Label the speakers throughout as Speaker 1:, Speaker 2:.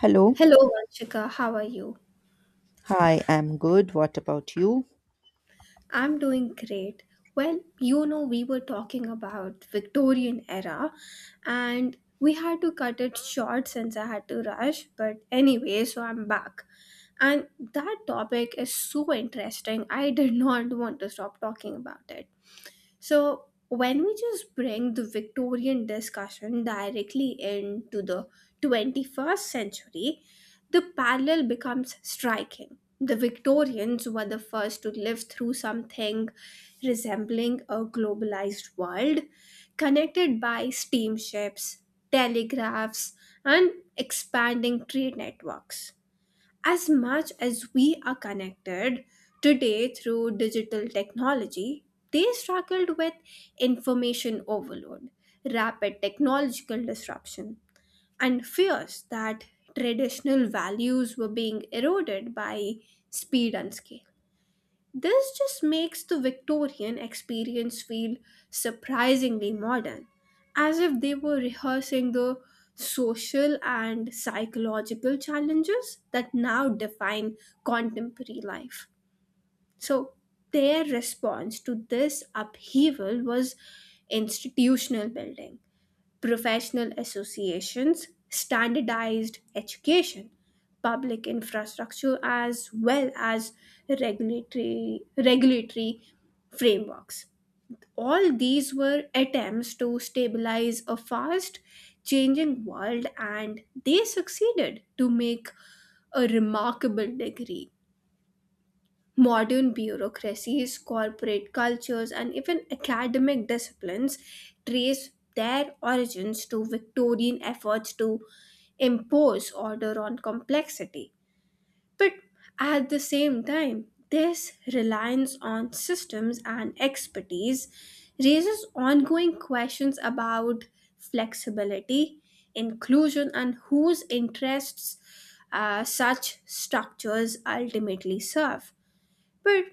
Speaker 1: Hello.
Speaker 2: Hello, Vanshika. How are you?
Speaker 1: Hi, I'm good. What about you?
Speaker 2: I'm doing great. Well, we were talking about Victorian era and we had to cut it short since I had to rush, but anyway, so I'm back. And that topic is so interesting. I did not want to stop talking about it. So, when we just bring the Victorian discussion directly into the 21st century, the parallel becomes striking. The Victorians were the first to live through something resembling a globalized world, connected by steamships, telegraphs, and expanding trade networks. As much as we are connected today through digital technology, they struggled with information overload, rapid technological disruption, and fears that traditional values were being eroded by speed and scale. This just makes the Victorian experience feel surprisingly modern, as if they were rehearsing the social and psychological challenges that now define contemporary life. So, their response to this upheaval was institutional building: professional associations, standardized education, public infrastructure, as well as regulatory frameworks. All these were attempts to stabilize a fast changing world, and they succeeded to make a remarkable degree. Modern bureaucracies, corporate cultures, and even academic disciplines trace their origins to Victorian efforts to impose order on complexity. But at the same time, this reliance on systems and expertise raises ongoing questions about flexibility, inclusion, and whose interests such structures ultimately serve. But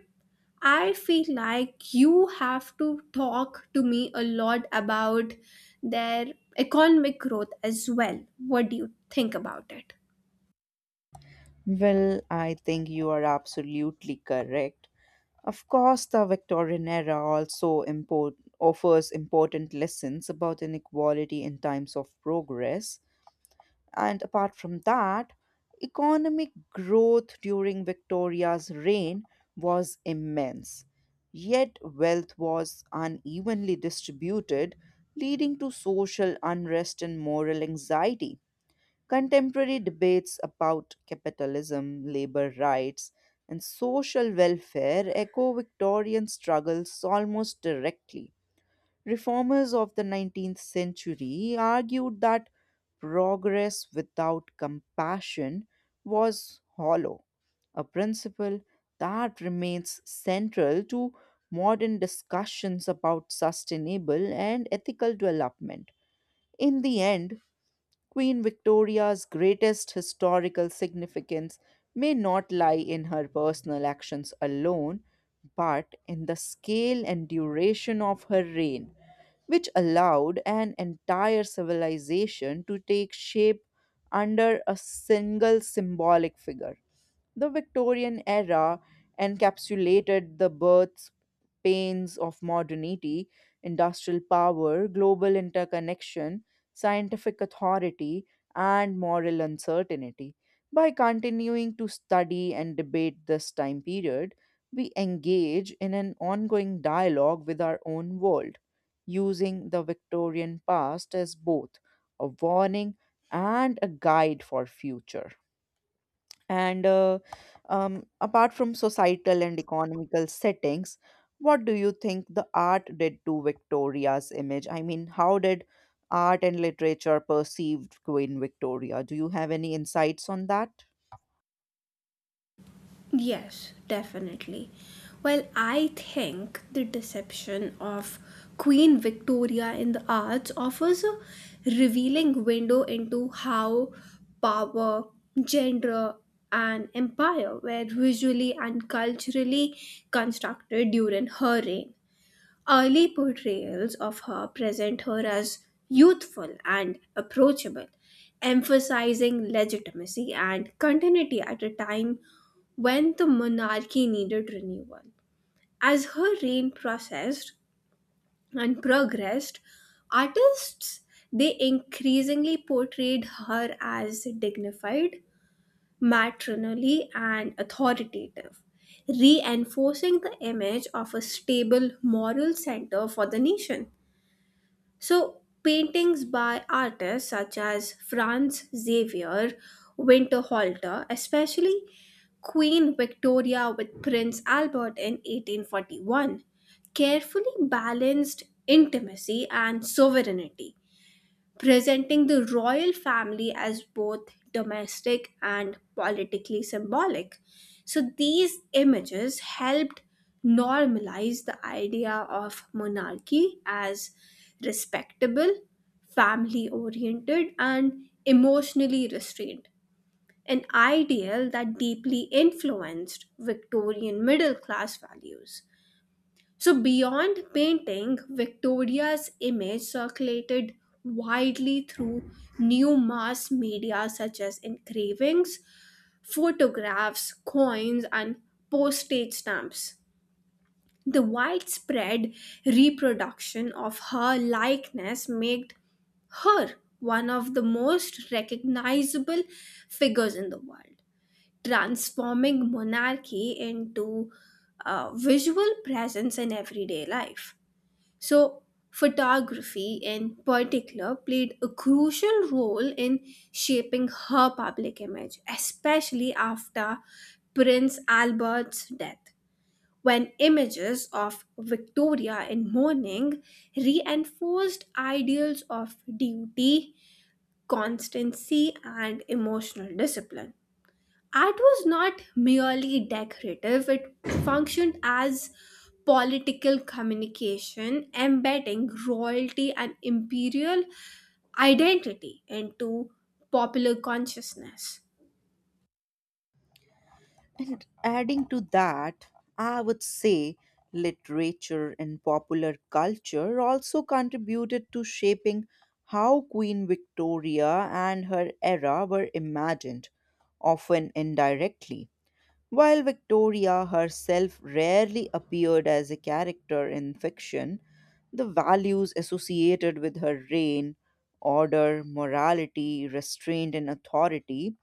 Speaker 2: I feel like you have to talk to me a lot about their economic growth as well. What do you think about it?
Speaker 1: Well, I think you are absolutely correct. Of course, the Victorian era also offers important lessons about inequality in times of progress. And apart from that, economic growth during Victoria's reign was immense. Yet, wealth was unevenly distributed, leading to social unrest and moral anxiety. Contemporary debates about capitalism, labor rights, and social welfare echo Victorian struggles almost directly. Reformers of the 19th century argued that progress without compassion was hollow, a principle that remains central to modern discussions about sustainable and ethical development. In the end, Queen Victoria's greatest historical significance may not lie in her personal actions alone, but in the scale and duration of her reign, which allowed an entire civilization to take shape under a single symbolic figure. The Victorian era encapsulated the birth pains of modernity, industrial power, global interconnection, scientific authority, and moral uncertainty. By continuing to study and debate this time period, we engage in an ongoing dialogue with our own world, using the Victorian past as both a warning and a guide for future. And Apart from societal and economical settings, what do you think the art did to Victoria's image? I mean, how did art and literature perceived Queen Victoria? Do you have any insights on that?
Speaker 2: Yes, definitely. Well, I think the deception of Queen Victoria in the arts offers a revealing window into how power, gender, and empire were visually and culturally constructed during her reign. Early portrayals of her present her as youthful and approachable, emphasizing legitimacy and continuity at a time when the monarchy needed renewal. As her reign processed and progressed, artists, they increasingly portrayed her as dignified, matronly, and authoritative, reinforcing the image of a stable moral center for the nation. So, paintings by artists such as Franz Xavier Winterhalter, especially Queen Victoria with Prince Albert in 1841, carefully balanced intimacy and sovereignty, presenting the royal family as both domestic and politically symbolic. So these images helped normalize the idea of monarchy as respectable, family oriented, and emotionally restrained, an ideal that deeply influenced Victorian middle class values. So, beyond painting, Victoria's image circulated widely through new mass media such as engravings, photographs, coins, and postage stamps. The widespread reproduction of her likeness made her one of the most recognizable figures in the world, transforming monarchy into a visual presence in everyday life. So, photography in particular played a crucial role in shaping her public image, especially after Prince Albert's death, when images of Victoria in mourning reinforced ideals of duty, constancy, and emotional discipline. Art was not merely decorative, it functioned as political communication, embedding royalty and imperial identity into popular consciousness.
Speaker 1: And adding to that, I would say literature and popular culture also contributed to shaping how Queen Victoria and her era were imagined, often indirectly. While Victoria herself rarely appeared as a character in fiction, the values associated with her reign order, morality, restraint, and authority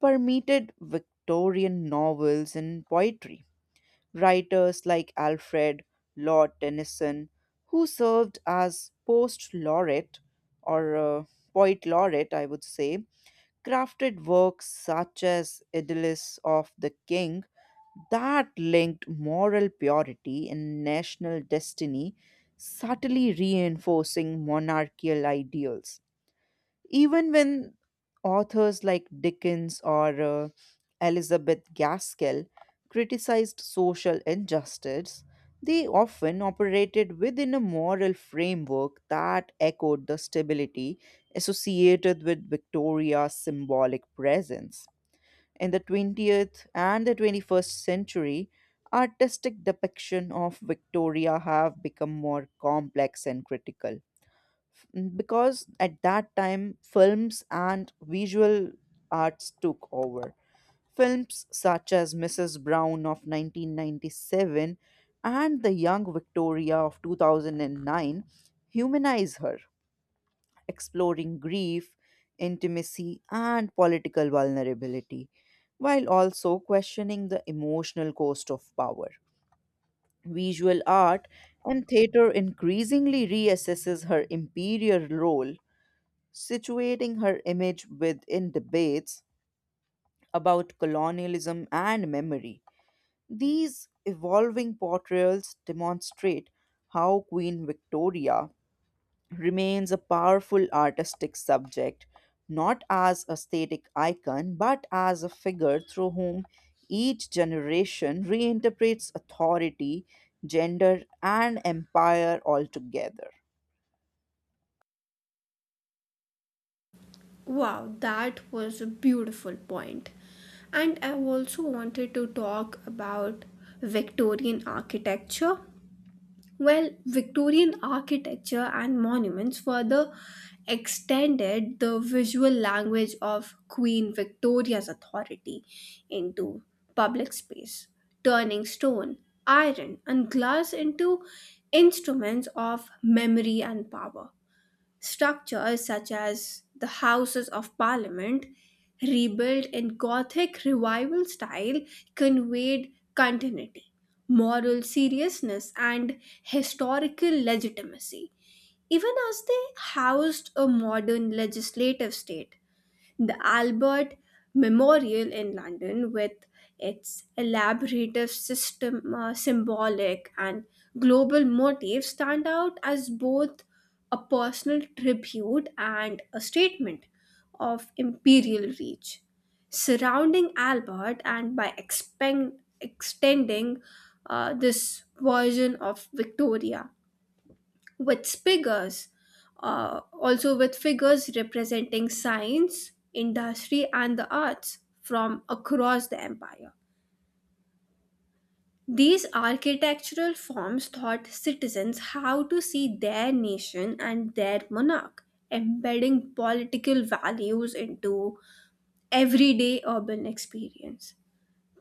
Speaker 1: permeated Victorian novels and poetry. Writers like Alfred Lord Tennyson, who served as post laureate or poet laureate, I would say, crafted works such as Idyllis of the King that linked moral purity and national destiny, subtly reinforcing monarchical ideals. Even when authors like Dickens or Elizabeth Gaskell criticized social injustice, they often operated within a moral framework that echoed the stability associated with Victoria's symbolic presence. In the 20th and the 21st century, artistic depiction of Victoria have become more complex and critical. Mm, because at that time films and visual arts took over. Films such as Mrs Brown of 1997 and The Young Victoria of 2009 humanize her, exploring grief, intimacy, and political vulnerability, while also questioning the emotional cost of power. Visual art and theater increasingly reassesses her imperial role, situating her image within debates about colonialism and memory. These evolving portrayals demonstrate how Queen Victoria remains a powerful artistic subject, not as a static icon, but as a figure through whom each generation reinterprets authority, gender, and empire altogether.
Speaker 2: Wow, that was a beautiful point. And I also wanted to talk about Victorian architecture. Well, Victorian architecture and monuments further extended the visual language of Queen Victoria's authority into public space, turning stone, iron, and glass into instruments of memory and power. Structures such as the Houses of Parliament, rebuilt in Gothic revival style, conveyed continuity, moral seriousness, and historical legitimacy, even as they housed a modern legislative state. The Albert Memorial in London, with its elaborate system, symbolic and global motifs, stand out as both a personal tribute and a statement of imperial reach. Surrounding Albert and by extending this version of Victoria with figures, also with figures representing science, industry, and the arts from across the empire. These architectural forms taught citizens how to see their nation and their monarch, embedding political values into everyday urban experience.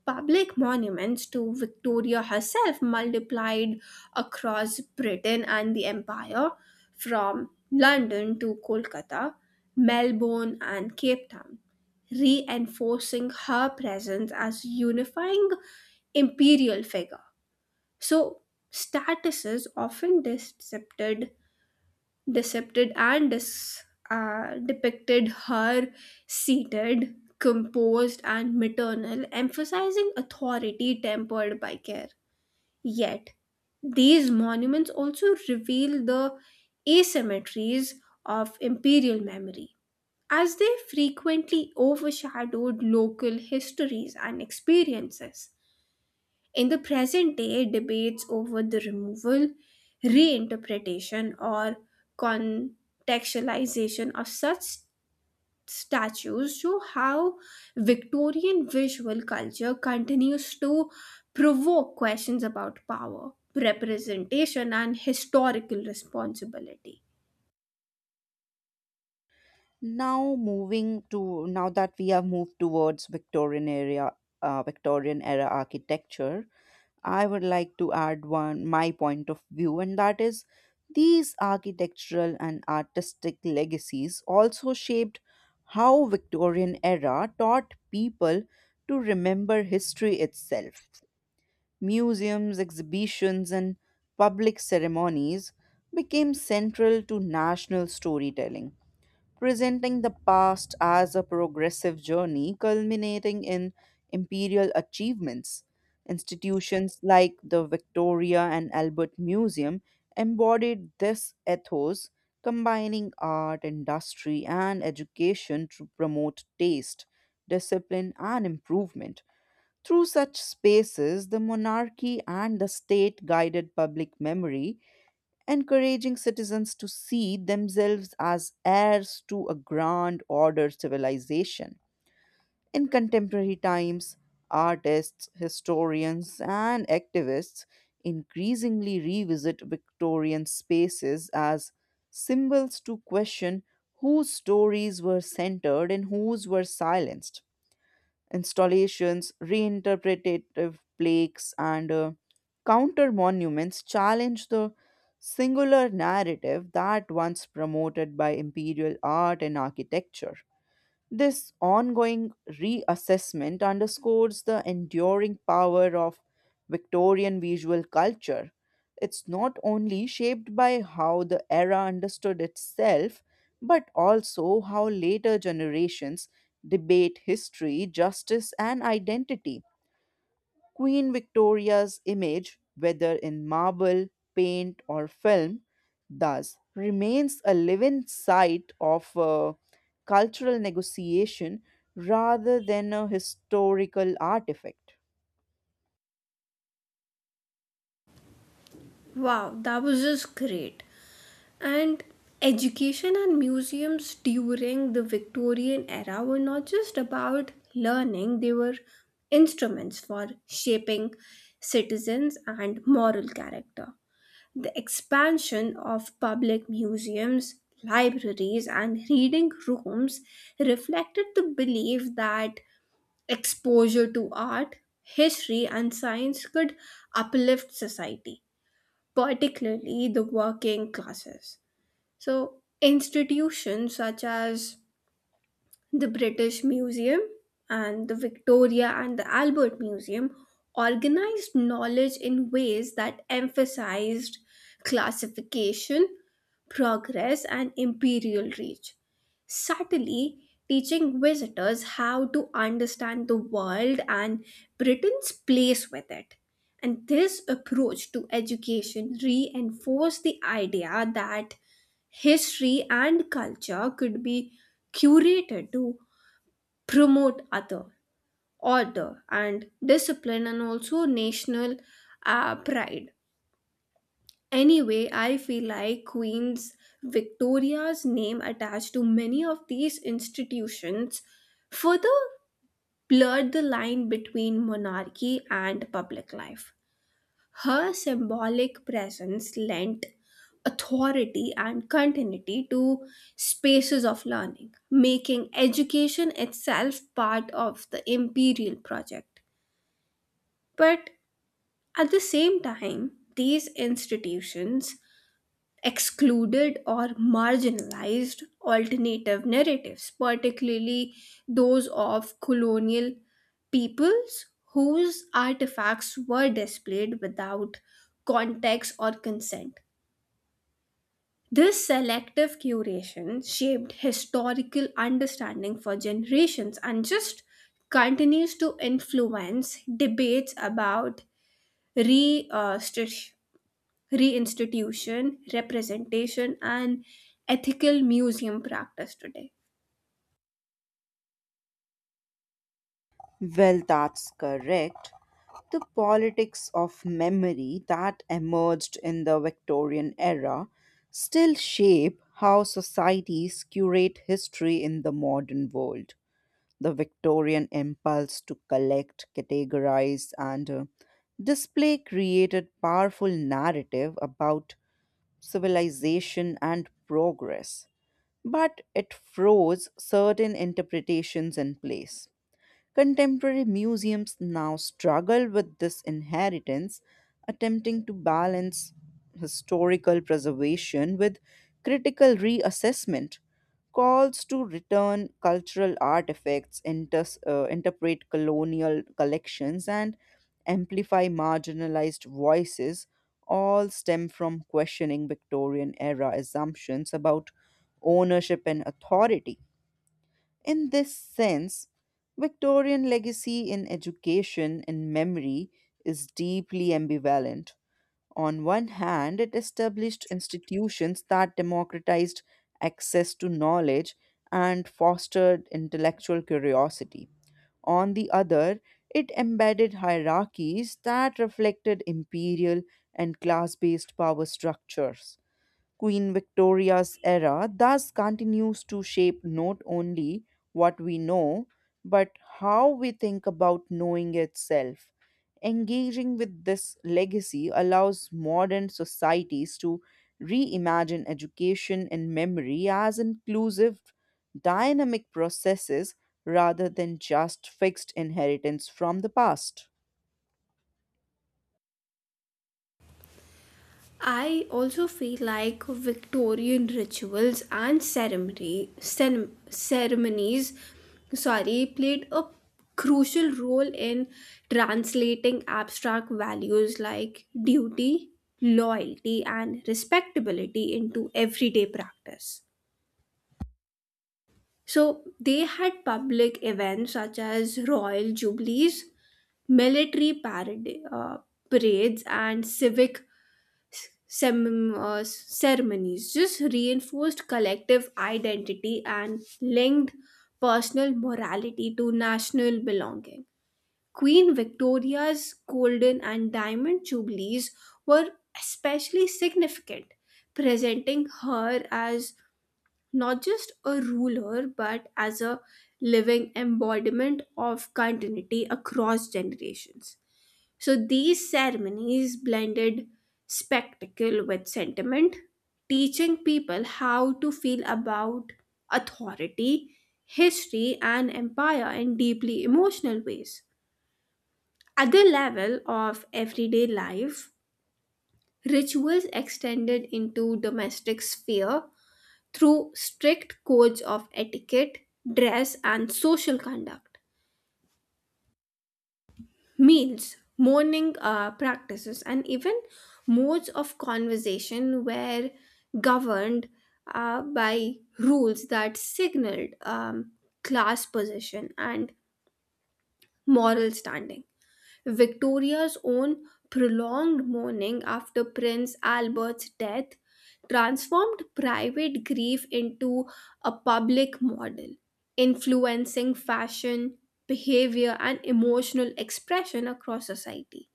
Speaker 2: Public monuments to Victoria herself multiplied across Britain and the Empire, from London to Kolkata, Melbourne, and Cape Town, reinforcing her presence as unifying imperial figure. So, statuses often decepted and dis- depicted her seated, composed, and maternal, emphasizing authority tempered by care. Yet, these monuments also reveal the asymmetries of imperial memory, as they frequently overshadowed local histories and experiences. In the present day, debates over the removal, reinterpretation, or contextualization of such statues show how Victorian visual culture continues to provoke questions about power, representation, and historical responsibility.
Speaker 1: Now moving to now that we have moved towards Victorian era architecture, I would like to add one my point of view, and that is these architectural and artistic legacies also shaped how Victorian era taught people to remember history itself. Museums, exhibitions, and public ceremonies became central to national storytelling, presenting the past as a progressive journey culminating in imperial achievements. Institutions like the Victoria and Albert Museum embodied this ethos, combining art, industry, and education to promote taste, discipline, and improvement. Through such spaces, the monarchy and the state guided public memory, encouraging citizens to see themselves as heirs to a grand order civilization. In contemporary times, artists, historians, and activists increasingly revisit Victorian spaces as symbols to question whose stories were centered and whose were silenced. Installations, reinterpretative plaques, and counter monuments challenge the singular narrative that once promoted by imperial art and architecture. This ongoing reassessment underscores the enduring power of Victorian visual culture. It's not only shaped by how the era understood itself, but also how later generations debate history, justice, and identity. Queen Victoria's image, whether in marble, paint, or film, thus remains a living site of cultural negotiation rather than a historical artifact.
Speaker 2: Wow, that was just great. And education and museums during the Victorian era were not just about learning, they were instruments for shaping citizens and moral character. The expansion of public museums, libraries, and reading rooms reflected the belief that exposure to art, history, and science could uplift society, particularly the working classes. So, institutions such as the British Museum and the Victoria and the Albert Museum organized knowledge in ways that emphasized classification, progress, and imperial reach, subtly teaching visitors how to understand the world and Britain's place with it. And this approach to education reinforced the idea that history and culture could be curated to promote other order and discipline and also national pride. Anyway, I feel like queen's victoria's name attached to many of these institutions further blurred the line between monarchy and public life. Her symbolic presence lent authority and continuity to spaces of learning, making education itself part of the imperial project. But at the same time, these institutions excluded or marginalized alternative narratives, particularly those of colonial peoples whose artifacts were displayed without context or consent. This selective curation shaped historical understanding for generations and just continues to influence debates about restitution, reinstitution, representation, and ethical museum practice today.
Speaker 1: Well, that's correct. The politics of memory that emerged in the Victorian era still shape how societies curate history in the modern world. The Victorian impulse to collect, categorize, and display created powerful narrative about civilization and progress, but it froze certain interpretations in place. Contemporary museums now struggle with this inheritance, attempting to balance historical preservation with critical reassessment. Calls to return cultural artifacts, interpret colonial collections, and amplify marginalized voices all stem from questioning Victorian era assumptions about ownership and authority. In this sense, Victorian legacy in education and memory is deeply ambivalent. On one hand, it established institutions that democratized access to knowledge and fostered intellectual curiosity. On the other, it embedded hierarchies that reflected imperial and class based power structures. Queen Victoria's era thus continues to shape not only what we know, but how we think about knowing itself. Engaging with this legacy allows modern societies to reimagine education and memory as inclusive, dynamic processes rather than just fixed inheritance from the past.
Speaker 2: I also feel like Victorian rituals and ceremonies, sorry, played a crucial role in translating abstract values like duty, loyalty, and respectability into everyday practice. So they had public events such as royal jubilees, military parades, and civic ceremonies. Just reinforced collective identity and linked personal morality to national belonging. Queen Victoria's golden and diamond jubilees were especially significant, presenting her as not just a ruler but as a living embodiment of continuity across generations. So these ceremonies blended spectacle with sentiment, teaching people how to feel about authority, history, and empire in deeply emotional ways. At the level of everyday life, rituals extended into domestic sphere through strict codes of etiquette, dress, and social conduct. Meals, mourning practices, and even modes of conversation were governed by rules that signaled class position and moral standing. Victoria's own prolonged mourning after Prince Albert's death transformed private grief into a public model, influencing fashion, behavior, and emotional expression across society.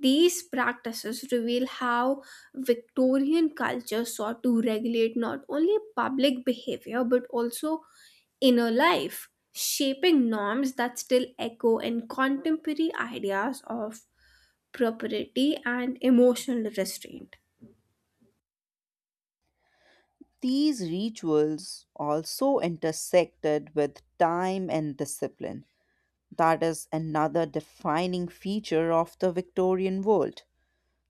Speaker 2: These practices reveal how Victorian culture sought to regulate not only public behavior but also inner life, shaping norms that still echo in contemporary ideas of propriety and emotional restraint.
Speaker 1: These rituals also intersected with time and discipline. That is another defining feature of the Victorian world.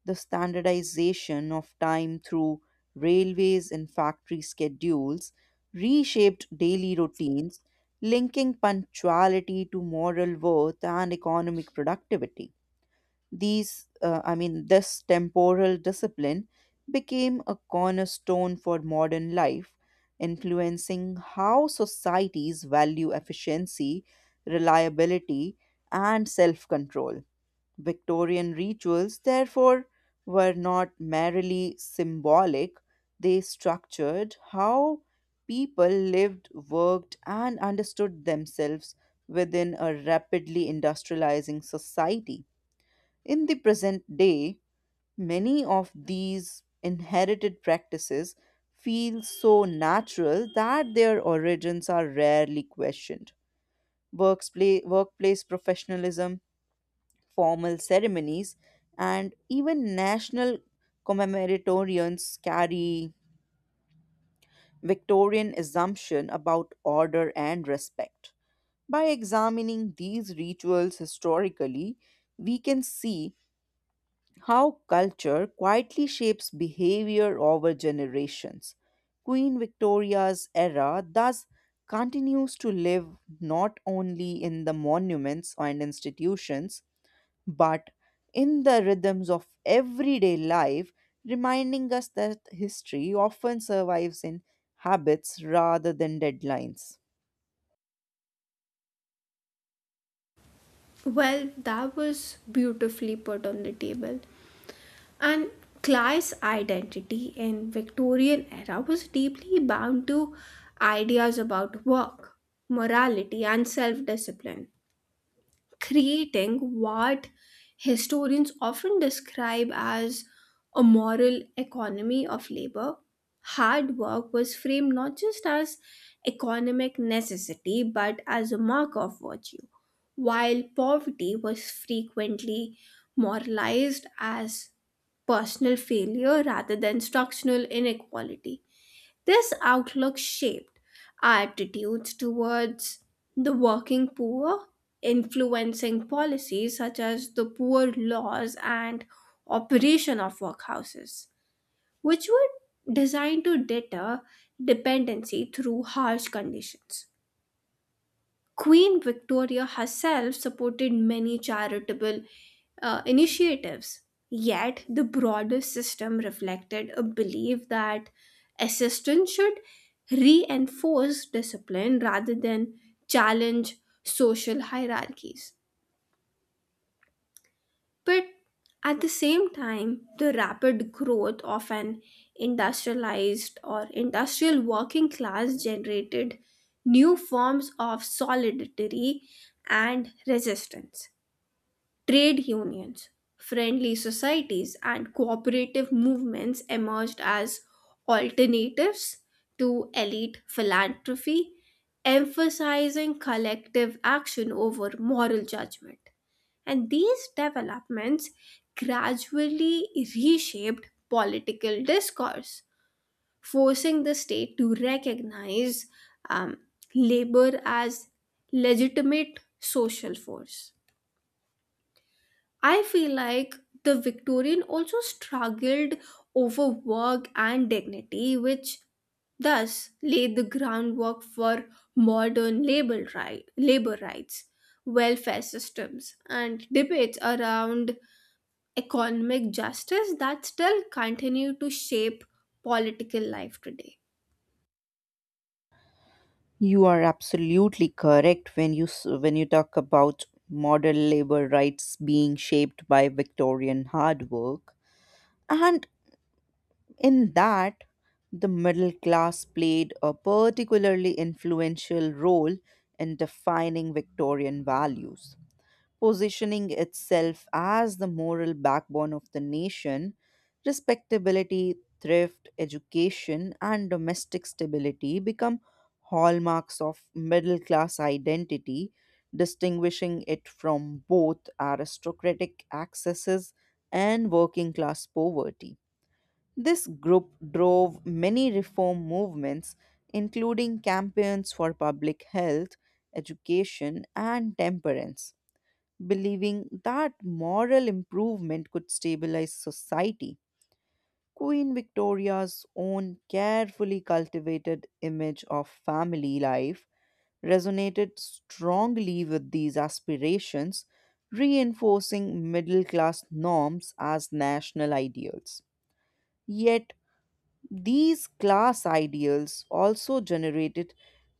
Speaker 1: The standardization of time through railways and factory schedules reshaped daily routines, linking punctuality to moral worth and economic productivity. This temporal discipline became a cornerstone for modern life, influencing how societies value efficiency, reliability, and self control. Victorian rituals, therefore, were not merely symbolic, they structured how people lived, worked, and understood themselves within a rapidly industrializing society. In the present day, many of these inherited practices feel so natural that their origins are rarely questioned. Workplace professionalism, formal ceremonies, and even national commemoratorians carry Victorian assumption about order and respect. By examining these rituals historically, we can see how culture quietly shapes behavior over generations. Queen Victoria's era thus continues to live not only in the monuments and institutions, but in the rhythms of everyday life, reminding us that history often survives in habits rather than deadlines.
Speaker 2: Well, that was beautifully put on the table. And class identity in Victorian era was deeply bound to ideas about work, morality and self-discipline, creating what historians often describe as a moral economy of labor. Hard work was framed not just as economic necessity but as a mark of virtue, while poverty was frequently moralized as personal failure rather than structural inequality. This outlook shaped our attitudes towards the working poor, influencing policies such as the poor laws and operation of workhouses, which were designed to deter dependency through harsh conditions. Queen Victoria herself supported many charitable initiatives. Yet, the broader system reflected a belief that assistance should reinforce discipline rather than challenge social hierarchies. But at the same time, the rapid growth of an industrialized or industrial working class generated new forms of solidarity and resistance. Trade unions, friendly societies, and cooperative movements emerged as alternatives to elite philanthropy, emphasizing collective action over moral judgment. And these developments gradually reshaped political discourse, forcing the state to recognize um, labor as legitimate social force. I feel like the Victorian also struggled over work and dignity, which thus laid the groundwork for modern labor rights, welfare systems, and debates around economic justice that still continue to shape political life today.
Speaker 1: You are absolutely correct when when you talk about modern labor rights being shaped by Victorian hard work, and in that, the middle class played a particularly influential role in defining Victorian values, positioning itself as the moral backbone of the nation. Respectability, thrift, education, and domestic stability become hallmarks of middle class identity, distinguishing it from both aristocratic excesses and working class poverty. This group drove many reform movements, including campaigns for public health, education, and temperance, believing that moral improvement could stabilize society. Queen Victoria's own carefully cultivated image of family life resonated strongly with these aspirations, reinforcing middle class norms as national ideals. Yet, these class ideals also generated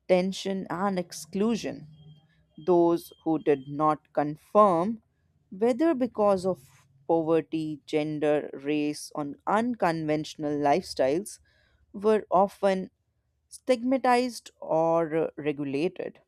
Speaker 1: tension and exclusion. Those who did not confirm, whether because of poverty, gender, race, or unconventional lifestyles, were often stigmatized or regulated.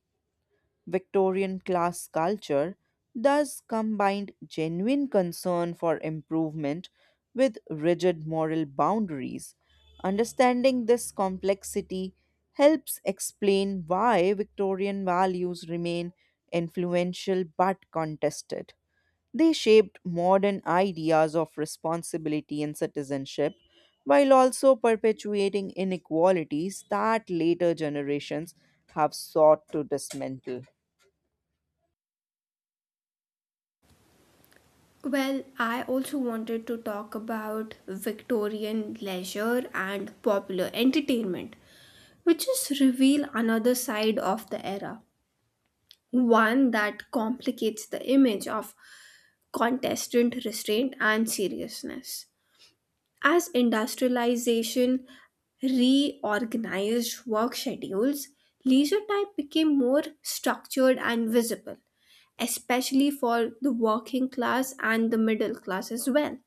Speaker 1: Victorian class culture thus combined genuine concern for improvement with rigid moral boundaries. Understanding this complexity helps explain why Victorian values remain influential but contested. They shaped modern ideas of responsibility and citizenship while also perpetuating inequalities that later generations have sought to dismantle.
Speaker 2: Well, I also wanted to talk about Victorian leisure and popular entertainment, which is reveal another side of the era, one that complicates the image of contestant restraint and seriousness. As industrialization reorganized work schedules, leisure time became more structured and visible, especially for the working class and the middle class as well.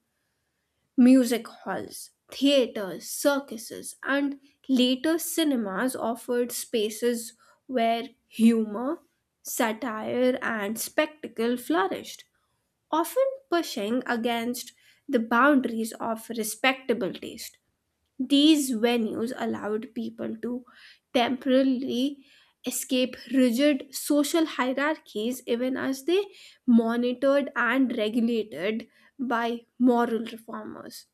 Speaker 2: Music halls, theaters, circuses, and later cinemas offered spaces where humor, satire, and spectacle flourished, often pushing against the boundaries of respectable taste. These venues allowed people to temporarily escape rigid social hierarchies even as they monitored and regulated by moral reformers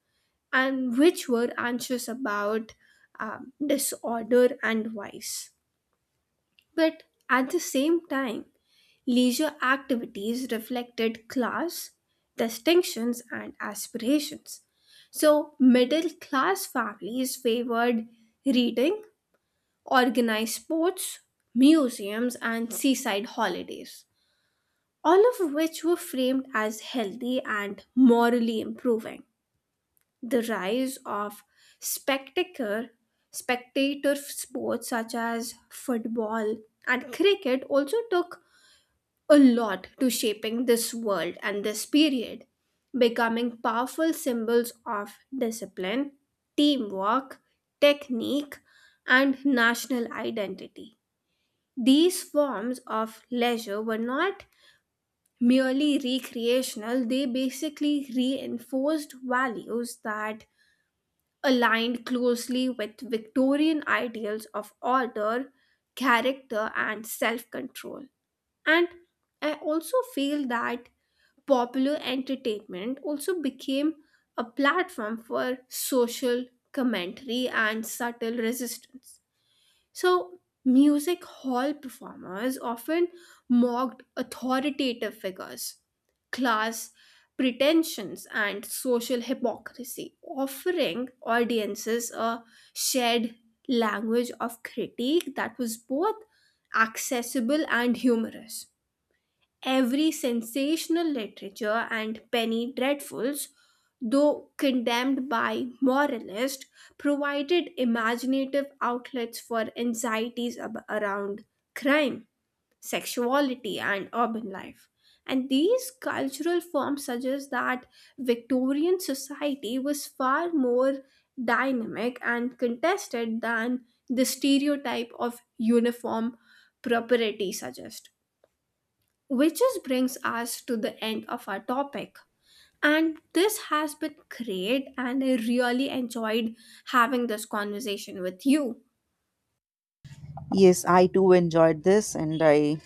Speaker 2: and which were anxious about disorder and vice. But at the same time, leisure activities reflected class, distinctions, and aspirations. So, middle class families favored reading, organized sports, museums, and seaside holidays, all of which were framed as healthy and morally improving. The rise of spectator spectator sports such as football and cricket also took a lot to shaping this world and this period, becoming powerful symbols of discipline, teamwork, technique, and national identity. These forms of leisure were not merely recreational, they basically reinforced values that aligned closely with Victorian ideals of order, character, and self control. And I also feel that popular entertainment also became a platform for social commentary and subtle resistance. So, music hall performers often mocked authoritative figures, class pretensions, and social hypocrisy, offering audiences a shared language of critique that was both accessible and humorous. Every sensational literature and penny dreadfuls, though condemned by moralists, provided imaginative outlets for anxieties around crime, sexuality, and urban life. And these cultural forms suggest that Victorian society was far more dynamic and contested than the stereotype of uniform propriety suggests. Which just brings us to the end of our topic. And this has been great, and I really enjoyed having this conversation with you.
Speaker 1: Yes, I too enjoyed this, and I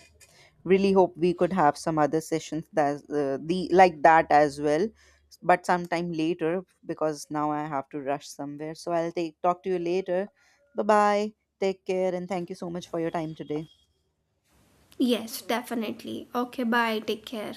Speaker 1: really hope we could have some other sessions that the like that as well, but sometime later because now I have to rush somewhere. So I'll take talk to you later. Bye bye. Take care, and thank you so much for your time today.
Speaker 2: Yes, definitely. Okay, bye. Take care.